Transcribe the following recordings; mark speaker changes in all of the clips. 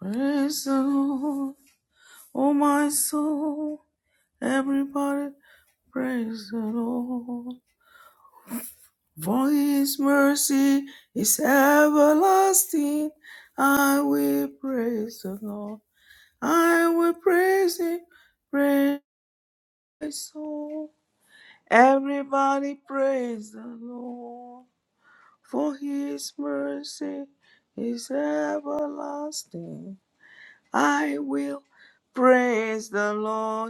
Speaker 1: Praise the Lord, oh my soul. Everybody praise the Lord. For his mercy is everlasting. I will praise the Lord. I will praise him. Praise my soul. Everybody praise the Lord. For his mercy is everlasting. I will praise the Lord.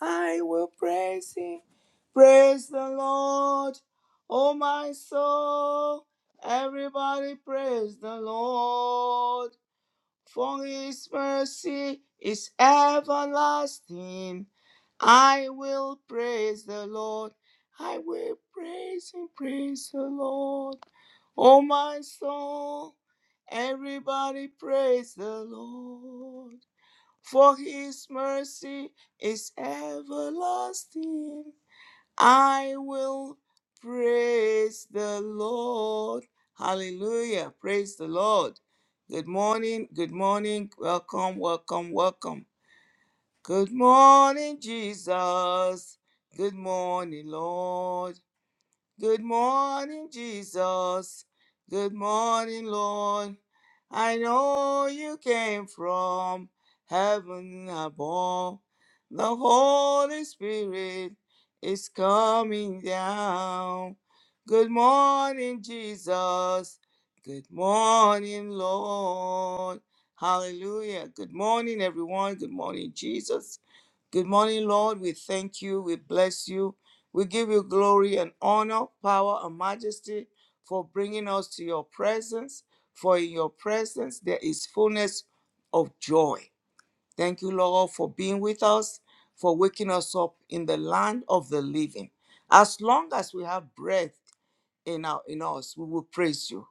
Speaker 1: I will praise him. Praise the Lord. Oh, my soul. Everybody praise the Lord. For his mercy is everlasting. I will praise the Lord. I will praise and praise the Lord. Oh, my soul. Everybody praise the Lord for his mercy is everlasting. I will praise the Lord. Hallelujah. Praise the Lord. Good morning. Good morning. Welcome. Welcome. Welcome. Good morning, Jesus. Good morning, Lord. Good morning, Jesus. Good morning, Lord. I know you came from heaven above. The Holy Spirit is coming down. Good morning, Jesus. Good morning, Lord. Hallelujah. Good morning, everyone. Good morning, Jesus. Good morning, Lord. We thank you. We bless you. We give you glory and honor, power and majesty for bringing us to your presence, for in your presence there is fullness of joy. Thank you, Lord, for being with us, for waking us up in the land of the living. As long as we have breath in, our, in us, we will praise you.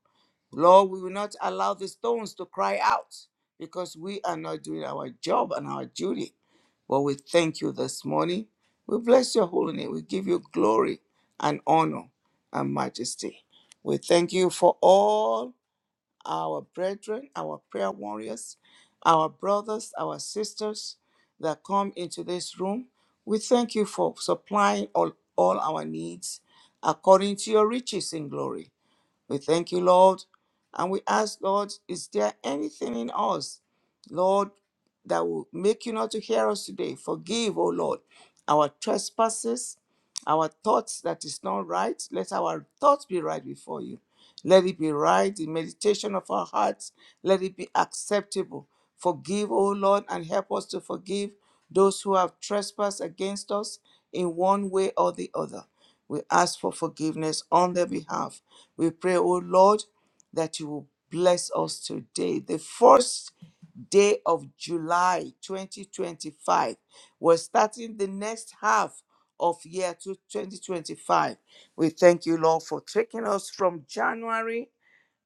Speaker 1: Lord, we will not allow the stones to cry out because we are not doing our job and our duty. But we thank you this morning. We bless your holy name. We give you glory and honor and majesty. We thank you for all our brethren, our prayer warriors, our brothers, our sisters that come into this room. We thank you for supplying all, all our needs according to your riches in glory. We thank you, Lord. And we ask, Lord, is there anything in us, Lord, that will make you not to hear us today? Forgive, O Lord, our trespasses, our thoughts that is not right. Let our thoughts be right before you. Let it be right. The meditation of our hearts, let it be acceptable. Forgive, O Lord, and help us to forgive those who have trespassed against us in one way or the other. We ask for forgiveness on their behalf we pray, O Lord, that you will bless us today. The first day of July 2025. We're starting the next half of year to 2025. We thank you, Lord, for taking us from January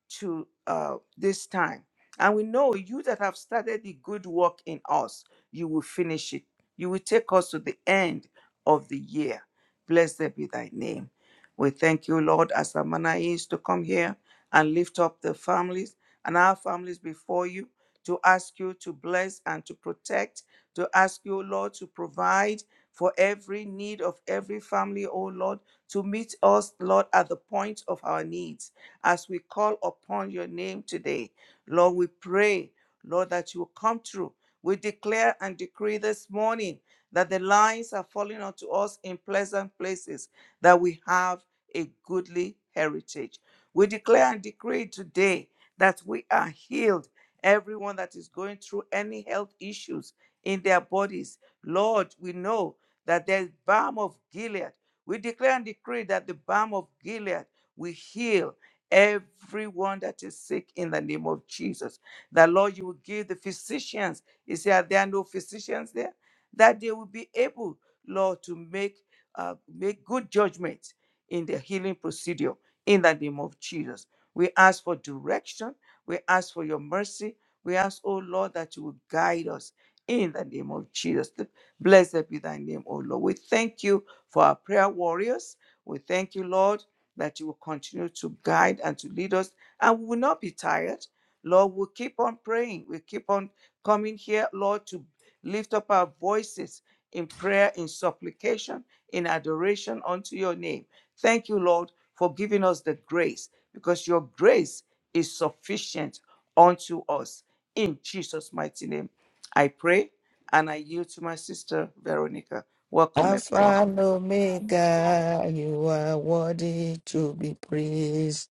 Speaker 1: to uh, this time. And we know you that have started the good work in us, you will finish it. You will take us to the end of the year. Blessed be thy name. We thank you, Lord, as the manner is to come here and lift up the families and our families before you, to ask you to bless and to protect, to ask you, Lord, to provide for every need of every family, oh Lord, to meet us, Lord, at the point of our needs as we call upon your name today. Lord, we pray, Lord, that you will come through. We declare and decree this morning that the lines are falling unto us in pleasant places, that we have a goodly heritage. We declare and decree today that we are healed. Everyone that is going through any health issues in their bodies, Lord, we know that there's balm of Gilead. We declare and decree that the balm of Gilead will heal Everyone that is sick in the name of Jesus. That Lord, you will give the physicians. You say, Are there no physicians there? That they will be able, Lord, to make uh, make good judgment in the healing procedure in the name of Jesus. We ask for direction. We ask for your mercy. We ask, oh Lord, that you will guide us in the name of Jesus. Blessed be thy name, oh Lord. We thank you for our prayer warriors. We thank you, Lord, that you will continue to guide and to lead us, and we will not be tired. Lord, we'll keep on praying. We'll keep on coming here, Lord, to lift up our voices in prayer, in supplication, in adoration unto your name. Thank you, Lord, for giving us the grace, because your grace is sufficient unto us. In Jesus' mighty name, I pray and I yield to my sister, Veronica. Welcome,
Speaker 2: Alpha
Speaker 1: everyone.
Speaker 2: and Omega, you are worthy to be praised.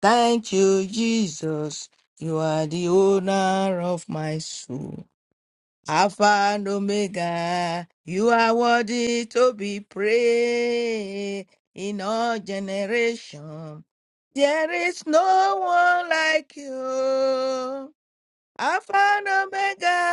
Speaker 2: Thank you, Jesus. You are the owner of my soul. Alpha and Omega, you are worthy to be praised in all generations. There is no one like you. Alpha and Omega.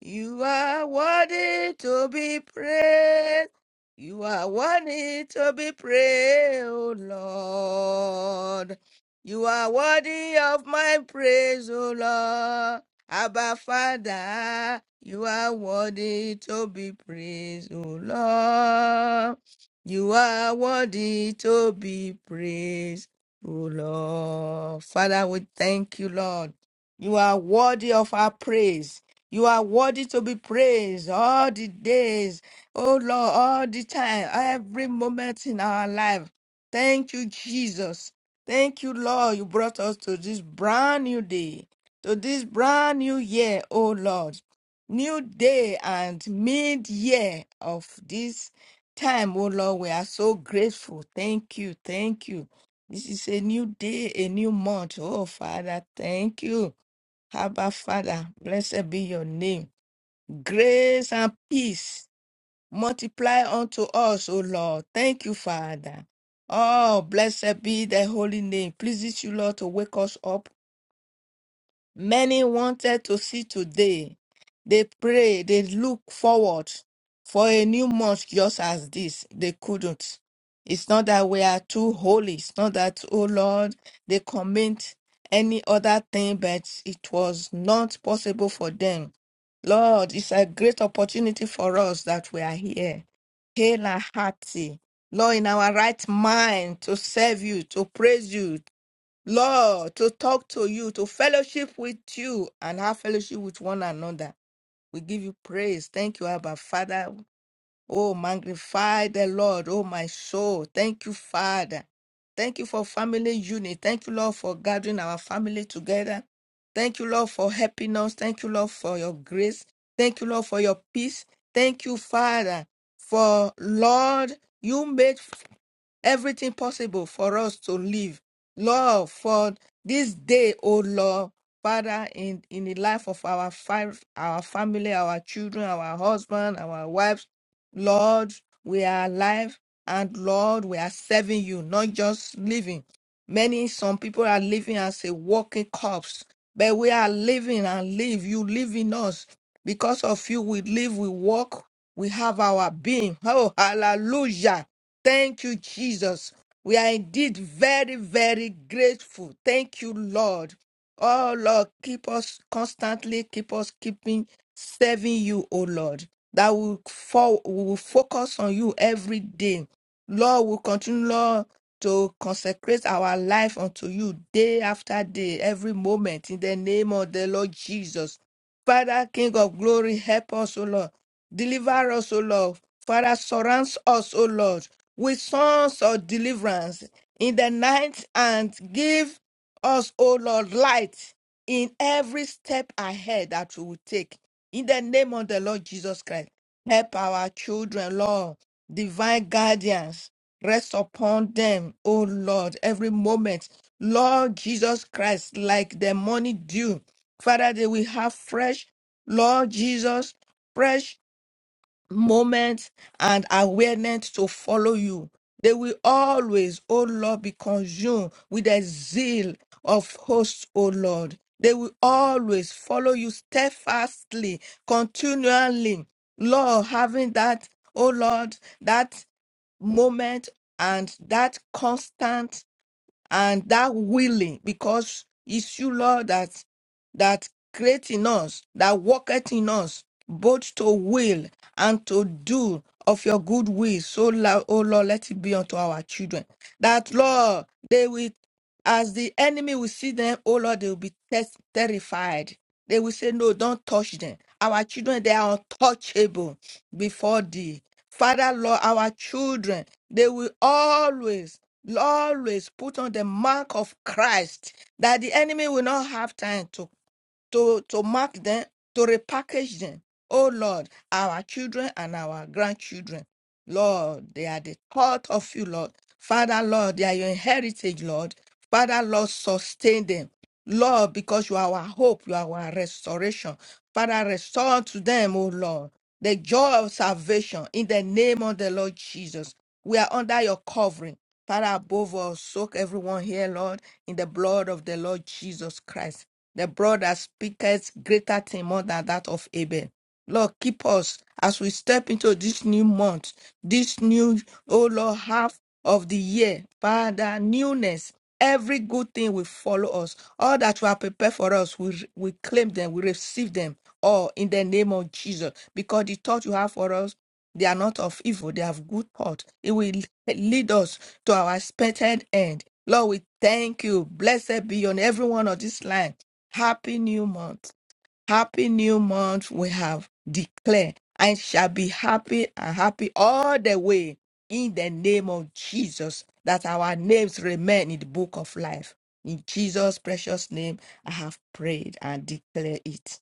Speaker 2: You are worthy to be praised. You are worthy to be praised, O Lord. You are worthy of my praise, O Lord. Abba Father, you are worthy to be praised, O Lord. You are worthy to be praised, O Lord. Father, we thank you, Lord. You are worthy of our praise. You are worthy to be praised all the days, oh Lord, all the time, every moment in our life. Thank you, Jesus. Thank you, Lord. You brought us to this brand new day, to this brand new year, oh Lord. New day and mid year of this time, oh Lord. We are so grateful. Thank you. Thank you. This is a new day, a new month. Oh, Father, thank you. Abba, Father, blessed be your name. Grace and peace multiply unto us, O Lord. Thank you, Father. Oh, blessed be thy holy name. Pleases you, Lord, to wake us up Many wanted to see today. They pray, they look forward for a new month just as this. They couldn't. It's not that we are too holy. It's not that, oh Lord, they commit any other thing, but it was not possible for them. Lord, it's a great opportunity for us that we are here. Hail and hearty. Lord, in our right mind to serve you, to praise you, Lord, to talk to you, to fellowship with you, and have fellowship with one another. We give you praise. Thank you, Abba Father. Oh, magnify the Lord, oh my soul. Thank you, Father. Thank you for family unity. Thank you, Lord, for gathering our family together. Thank you, Lord, for helping us. Thank you, Lord, for your grace. Thank you, Lord, for your peace. Thank you, Father, for Lord, you made everything possible for us to live. Lord, for this day, O Lord, Father, in, in the life of our five, our family, our children, our husband, our wives, Lord, we are alive and Lord, we are serving you, not just living. Many, some people are living as a walking corpse, but we are living and live. You live in us. Because of you, we live, we walk, we have our being. Oh, hallelujah. Thank you, Jesus. We are indeed very, very grateful. Thank you, Lord. Oh, Lord, keep us constantly, keep us keeping, serving you, oh Lord. That we, fo- we will focus on you every day. Lord, we continue, Lord, to consecrate our life unto you day after day, every moment, in the name of the Lord Jesus. Father, King of glory, help us, O Lord. Deliver us, O Lord. Father, surround us, O Lord, with songs of deliverance in the night and give us, O Lord, light in every step ahead that we will take. In the name of the Lord Jesus Christ, help our children, Lord, divine guardians. Rest upon them, O Lord, every moment. Lord Jesus Christ, like the morning dew. Father, they will have fresh, Lord Jesus, fresh moment and awareness to follow you. They will always, O Lord, be consumed with the zeal of hosts, O Lord. They will always follow you steadfastly, continually. Lord, having that, O Lord, that moment and that constant and that willing because it's you lord that that create in us, that worketh in us, both to will and to do of your good will. So, Lord, oh Lord, let it be unto our children. That, Lord, they will, as the enemy will see them, oh Lord, they will be test- terrified. They will say, No, don't touch them. Our children, they are untouchable before thee. Father, Lord, our children, they will always, always put on the mark of Christ that the enemy will not have time to to, to mark them, to repackage them. Oh Lord, our children and our grandchildren, Lord, they are the thought of you, Lord. Father, Lord, they are your heritage, Lord. Father, Lord, sustain them. Lord, because you are our hope, you are our restoration. Father, restore to them, oh Lord, the joy of salvation in the name of the Lord Jesus. We are under your covering. Father, above all, soak everyone here, Lord, in the blood of the Lord Jesus Christ the broad that speaketh greater thing more than that of Abel. Lord, keep us as we step into this new month, this new, oh Lord, half of the year. Father, newness. Every good thing will follow us. All that you have prepared for us, we, we claim them, we receive them all in the name of Jesus. Because the thought you have for us, they are not of evil, they have good thought. It will lead us to our expected end. Lord, we thank you. Blessed be on every one of this line Happy new month. Happy new month we have declared and shall be happy and happy all the way in the name of Jesus that our names remain in the book of life. In Jesus' precious name, I have prayed and declare it.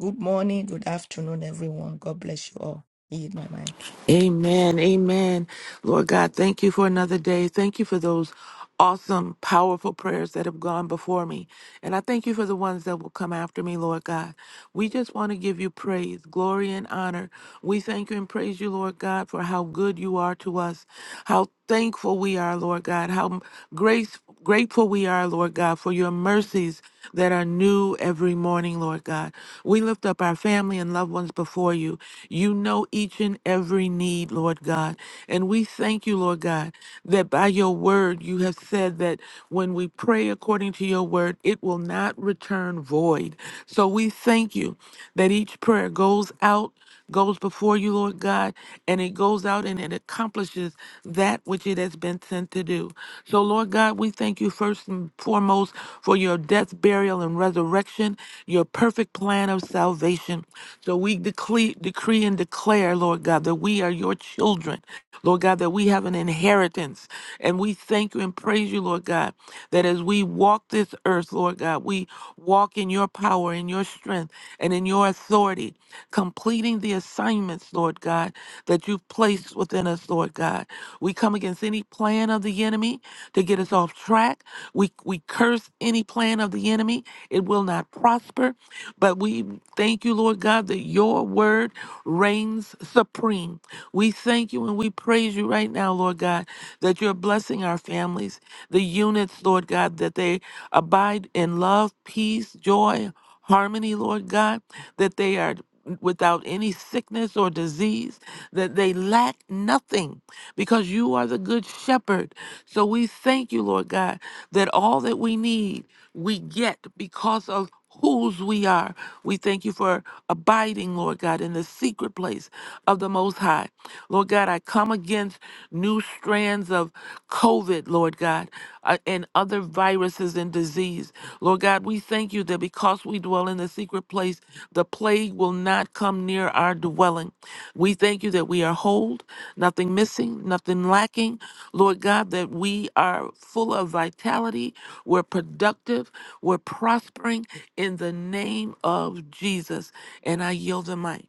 Speaker 2: Good morning, good afternoon, everyone. God bless you all. Heed my mic.
Speaker 3: Amen. Amen. Lord God, thank you for another day. Thank you for those awesome, powerful prayers that have gone before me. And I thank you for the ones that will come after me, Lord God. We just want to give you praise, glory, and honor. We thank you and praise you, Lord God, for how good you are to us, how thankful we are, Lord God, how grace grateful we are, Lord God, for your mercies that are new every morning, Lord God. We lift up our family and loved ones before you. You know each and every need, Lord God. And we thank you, Lord God, that by your word you have said that when we pray according to your word, it will not return void. So we thank you that each prayer goes out goes before you, Lord God, and it goes out and it accomplishes that which it has been sent to do. So, Lord God, we thank you first and foremost for your death, burial, and resurrection, your perfect plan of salvation. So, we decree, decree and declare, Lord God, that we are your children, Lord God, that we have an inheritance. And we thank you and praise you, Lord God, that as we walk this earth, Lord God, we walk in your power, in your strength, and in your authority completing the assignments, Lord God, that you've placed within us, Lord God. We come against any plan of the enemy to get us off track. We, we curse any plan of the enemy. It will not prosper. But we thank you, Lord God, that your word reigns supreme. We thank you and we praise you right now, Lord God, that you're blessing our families, the units, Lord God, that they abide in love, peace, joy, harmony, Lord God, that they are without any sickness or disease, that they lack nothing because you are the good shepherd. So we thank you, Lord God, that all that we need, we get because of whose we are. We thank you for abiding, Lord God, in the secret place of the Most High. Lord God, I come against new strands of COVID, Lord God, uh, and other viruses and disease. Lord God, we thank you that because we dwell in the secret place, the plague will not come near our dwelling. We thank you that we are whole, nothing missing, nothing lacking. Lord God, that we are full of vitality, we're productive, we're prospering in the name of Jesus. And I yield the mic.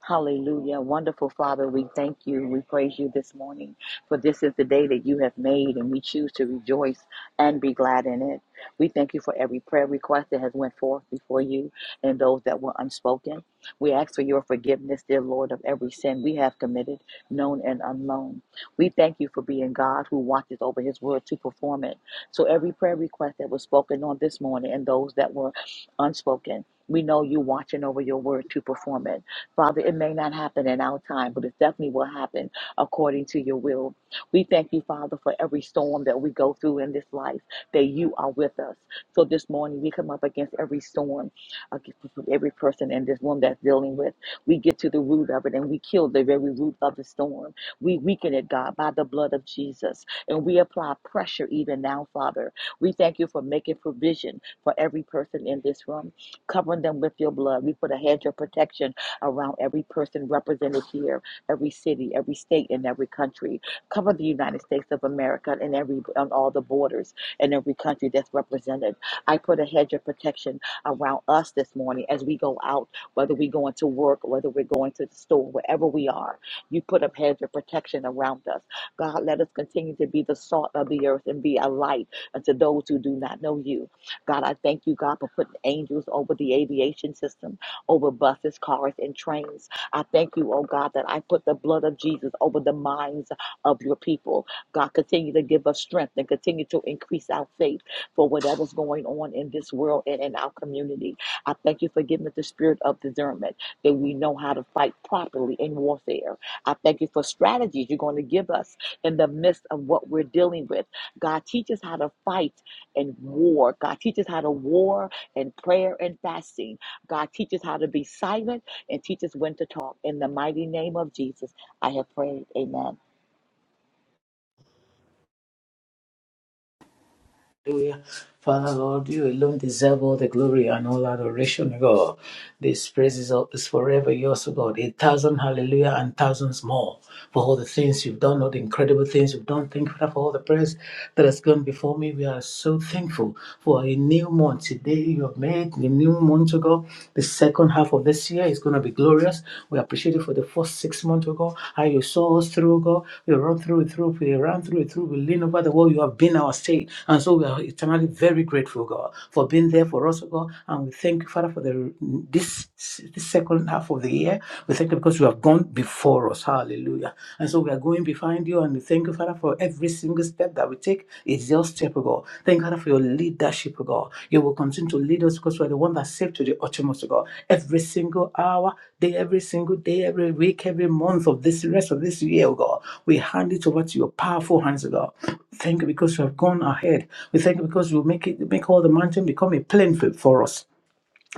Speaker 4: Hallelujah. Wonderful Father, we thank you. We praise you this morning, for this is the day that you have made, and we choose to rejoice and be glad in it. We thank you for every prayer request that has went forth before you and those that were unspoken. We ask for your forgiveness, dear Lord, of every sin we have committed, known and unknown. We thank you for being God who watches over his word to perform it. So every prayer request that was spoken on this morning and those that were unspoken, we know you watching over your word to perform it. Father, it may not happen in our time, but it definitely will happen according to your will. We thank you, Father, for every storm that we go through in this life, that you are with us. So this morning, we come up against every storm, against every person in this room that's dealing with. We get to the root of it and we kill the very root of the storm. We weaken it, God, by the blood of Jesus. And we apply pressure even now, Father. We thank you for making provision for every person in this room, covering them with your blood. We put a hedge of protection around every person represented here, every city, every state, and every country. Cover the United States of America and every on all the borders in every country that's represented. I put a hedge of protection around us this morning as we go out, whether we are going to work, whether we're going to the store, wherever we are. You put a hedge of protection around us. God, let us continue to be the salt of the earth and be a light unto those who do not know you. God, I thank you, God, for putting angels over the aviation system over buses, cars, and trains. I thank you, oh God, that I put the blood of Jesus over the minds of your people. God, continue to give us strength and continue to increase our faith for whatever's going on in this world and in our community. I thank you for giving us the spirit of discernment that we know how to fight properly in warfare. I thank you for strategies you're going to give us in the midst of what we're dealing with. God, teach us how to fight and war. God, teach us how to war and prayer and fasting. God, teach us how to be silent and teach us when to talk. In the mighty name of Jesus, I have prayed. Amen.
Speaker 5: Hallelujah. Father Lord, you alone deserve all the glory and all adoration, God. This praise up is forever yours, O God. A thousand hallelujah and thousands more for all the things you've done, all the incredible things you've done. Thank you Father, for all the prayers that has gone before me. We are so thankful for a new month. Today you have made the new month, O God. The second half of this year is going to be glorious. We appreciate you for the first six months, O God. How you saw us through, O God. We run through it through, we ran through it through, we lean over the wall. You have been our state. And so we are eternally very grateful, God, for being there for us, O God. And we thank you, Father, for for the this, this second half of the year. We thank you because you have gone before us. Hallelujah. And so we are going behind you and we thank you, Father, for every single step that we take. It's your step, O God. Thank you, Father, for your leadership, O God. You will continue to lead us because you are the one that saved to the uttermost, O God. Every single hour, day, every single day, every week, every month of this rest of this year, O God. We hand it over to your powerful hands, O God. Thank you because you have gone ahead. We thank you because you make it make all the mountain become a plain field for us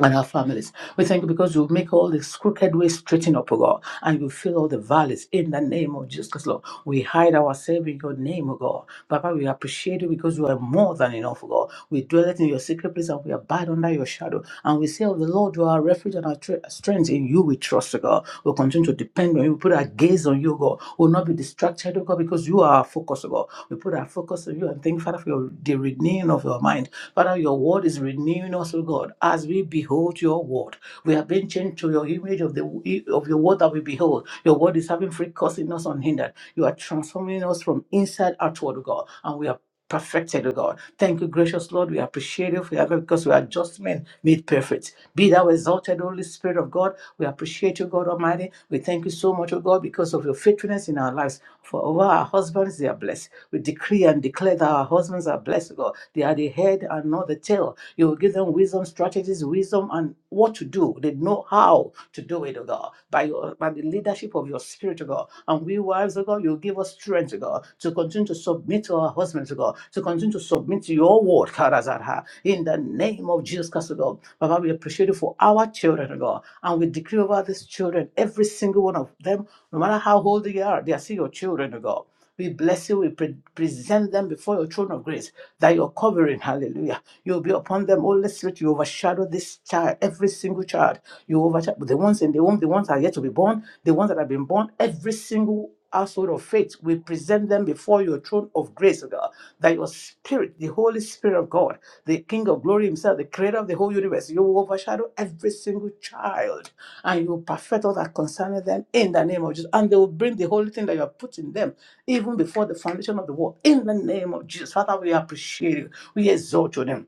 Speaker 5: and our families. We thank you because you make all these crooked ways straighten up, O God, and you fill all the valleys in the name of Jesus, Lord. We hide ourselves in your name, O God. Papa, we appreciate you because you are more than enough, O God. We dwell in your secret place and we abide under your shadow. And we say, of the Lord, you are our refuge and our tre- strength. In you we trust, O God. We'll continue to depend on you. We put our gaze on you, O God. We'll not be distracted, O God, because you are our focus, O God. We put our focus on you and thank you, Father, for your the renewing of your mind. Father, your word is renewing us, O God, as we behold your word. We have been changed to your image of the of your word that we behold. Your word is having free course in us unhindered. You are transforming us from inside outward, O God, and we are perfected, O God. Thank you, gracious Lord. We appreciate you for your help because we are just men made perfect. Be thou exalted, Holy Spirit of God. We appreciate you, God Almighty. We thank you so much, O God, because of your faithfulness in our lives. For over our husbands, they are blessed. We decree and declare that our husbands are blessed, God. They are the head and not the tail. You will give them wisdom, strategies, wisdom, and what to do. They know how to do it, oh God, by your by the leadership of your spirit, oh God. And we wives, oh God, you will give us strength, oh God, to continue to submit to our husbands, oh God, to continue to submit to your word, Karazarha, in the name of Jesus Christ, oh God. Baba, we appreciate you for our children, oh God. And we decree over these children, every single one of them, no matter how old they are, they are still your children, O God. We bless you. We pre- present them before your throne of grace, that your covering, hallelujah, you'll be upon them. Holy Spirit, you overshadow this child, every single child. You overshadow the ones in the womb, the ones that are yet to be born, the ones that have been born, every single household of faith, we present them before your throne of grace, O God, that your spirit, the Holy Spirit of God, the King of glory himself, the creator of the whole universe, you will overshadow every single child and you will perfect all that concerning them in the name of Jesus. And they will bring the holy thing that you have put in them even before the foundation of the world in the name of Jesus. Father, we appreciate you. We exalt you.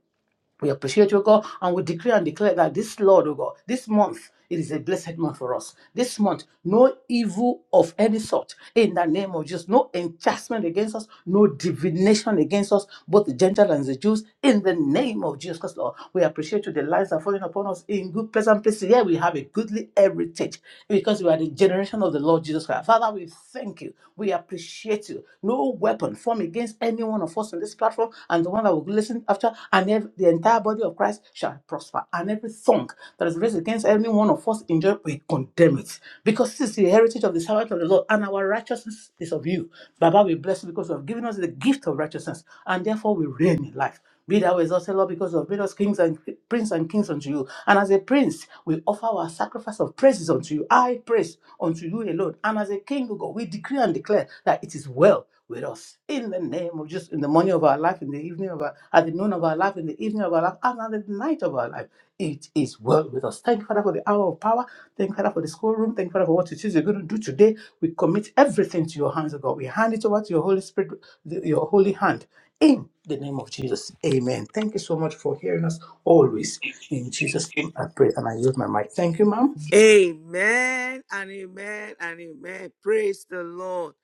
Speaker 5: We appreciate you, God, and we decree and declare that this Lord, oh God, this month, it is a blessed month for us. This month, no evil of any sort in the name of Jesus, no enchantment against us, no divination against us, both the Gentiles and the Jews, in the name of Jesus Christ, Lord. We appreciate you, the lives are falling upon us in good, pleasant places. Here we have a goodly heritage because we are the generation of the Lord Jesus Christ. Father, we thank you. We appreciate you. No weapon formed against any one of us on this platform and the one that will listen after, and ev- the entire body of Christ shall prosper. And every tongue that is raised against any one of us in judgment, we condemn it. Because this is the heritage of the servant of the Lord, and our righteousness is of you. Baba, we bless you because you have given us the gift of righteousness, and therefore we reign in life. Be thou exalted, Lord, because of have made us kings and prince and kings unto you. And as a prince, we offer our sacrifice of praises unto you. I praise unto you alone. And as a king, O God, we decree and declare that it is well with us. In the name of just in the morning of our life, in the evening of our, at the noon of our life, in the evening of our life, and at the night of our life, it is well with us. Thank you, Father, for the hour of power. Thank you, Father, for the schoolroom. Thank you, Father, for what it is you're going to do today. We commit everything to your hands, O God. We hand it over to your Holy Spirit, the- your holy hand in the name of Jesus. Amen. Thank you so much for hearing us always. In Jesus' name, I pray and I use my mic. Thank you, ma'am.
Speaker 1: Amen and amen and amen. Praise the Lord.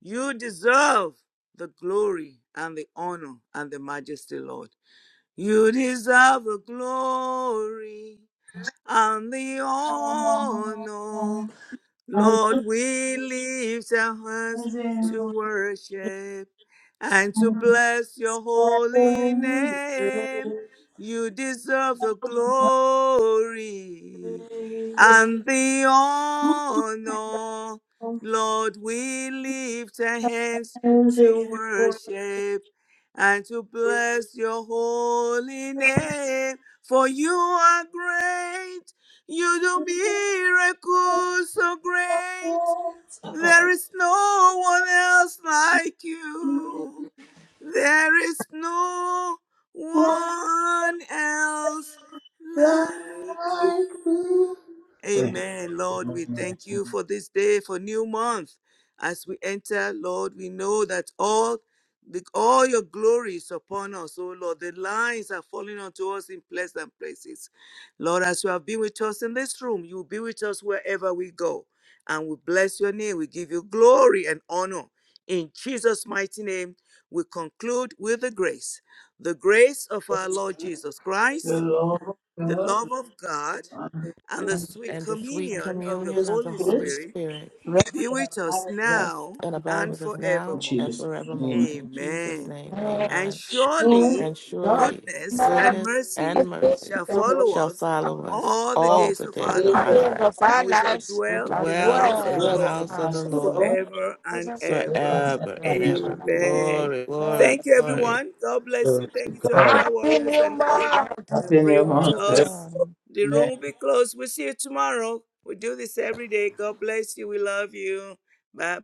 Speaker 1: You deserve the glory and the honor and the majesty, Lord. You deserve the glory and the honor. Lord, we lift our hands to worship and to bless your holy name. You deserve the glory and the honor. Lord, we lift our hands to worship and to bless your holy name, for you are great you do miracles so great. There is no one else like you. There is no one else like you.
Speaker 5: Thank
Speaker 1: Amen. Lord, we thank you for this day, for new month. As we enter, Lord, we know that all the, all your glory is upon us, oh Lord. The lines are falling onto us in pleasant places. Lord, as you have been with us in this room, you will be with us wherever we go. And we bless your name. We give you glory and honor. In Jesus' mighty name we conclude with the grace. The grace of our Lord Jesus Christ,
Speaker 5: you,
Speaker 1: the love of God,
Speaker 5: Lord.
Speaker 1: and the sweet
Speaker 3: and the sweet
Speaker 1: communion of the
Speaker 3: communion
Speaker 5: those
Speaker 3: of the
Speaker 1: Holy
Speaker 3: Holy
Speaker 5: spirits
Speaker 1: Spirit
Speaker 3: Spirit
Speaker 5: rest
Speaker 1: be
Speaker 5: that
Speaker 1: with
Speaker 5: are
Speaker 1: us
Speaker 5: married
Speaker 3: rest
Speaker 1: now
Speaker 3: and abide
Speaker 1: and
Speaker 3: with us
Speaker 5: In
Speaker 3: now
Speaker 1: forevermore.
Speaker 3: and
Speaker 5: Jesus' name.
Speaker 3: forevermore. In Jesus'
Speaker 1: Amen.
Speaker 3: name,
Speaker 1: And
Speaker 3: amen.
Speaker 5: through
Speaker 1: surely
Speaker 3: And
Speaker 2: Lord,
Speaker 3: surely
Speaker 1: goodness and
Speaker 3: goodness and
Speaker 1: mercy
Speaker 3: mercy
Speaker 1: shall
Speaker 3: shall
Speaker 1: follow us
Speaker 3: follow us
Speaker 1: all the
Speaker 3: all
Speaker 1: days
Speaker 3: the
Speaker 1: of
Speaker 3: days
Speaker 1: our
Speaker 3: of
Speaker 2: I
Speaker 3: our
Speaker 1: life,
Speaker 2: hear
Speaker 3: life.
Speaker 2: the
Speaker 1: and
Speaker 2: five
Speaker 1: we shall
Speaker 2: lives with
Speaker 1: dwell
Speaker 2: our
Speaker 1: in the
Speaker 3: Dwell
Speaker 1: house of
Speaker 3: in
Speaker 1: the
Speaker 3: the
Speaker 2: dwells.
Speaker 1: Lord
Speaker 2: in
Speaker 3: house of
Speaker 2: the
Speaker 3: the Lord
Speaker 1: forever and
Speaker 2: presence of the
Speaker 1: ever.
Speaker 3: forever
Speaker 2: Lord.
Speaker 3: and ever.
Speaker 2: forever.
Speaker 1: Amen.
Speaker 3: Glory, glory,
Speaker 1: Thank you,
Speaker 3: glory.
Speaker 1: everyone. God bless
Speaker 5: Glory
Speaker 1: you.
Speaker 5: to
Speaker 1: Thank you to our
Speaker 5: God.
Speaker 1: prayer warriors and all that
Speaker 5: Happy
Speaker 1: pray
Speaker 5: new
Speaker 1: with
Speaker 5: month.
Speaker 1: us.
Speaker 2: Amen.
Speaker 1: The
Speaker 5: Amen.
Speaker 1: room will be closed. We'll see you tomorrow. We do this every day. God bless you. We love you. Bye.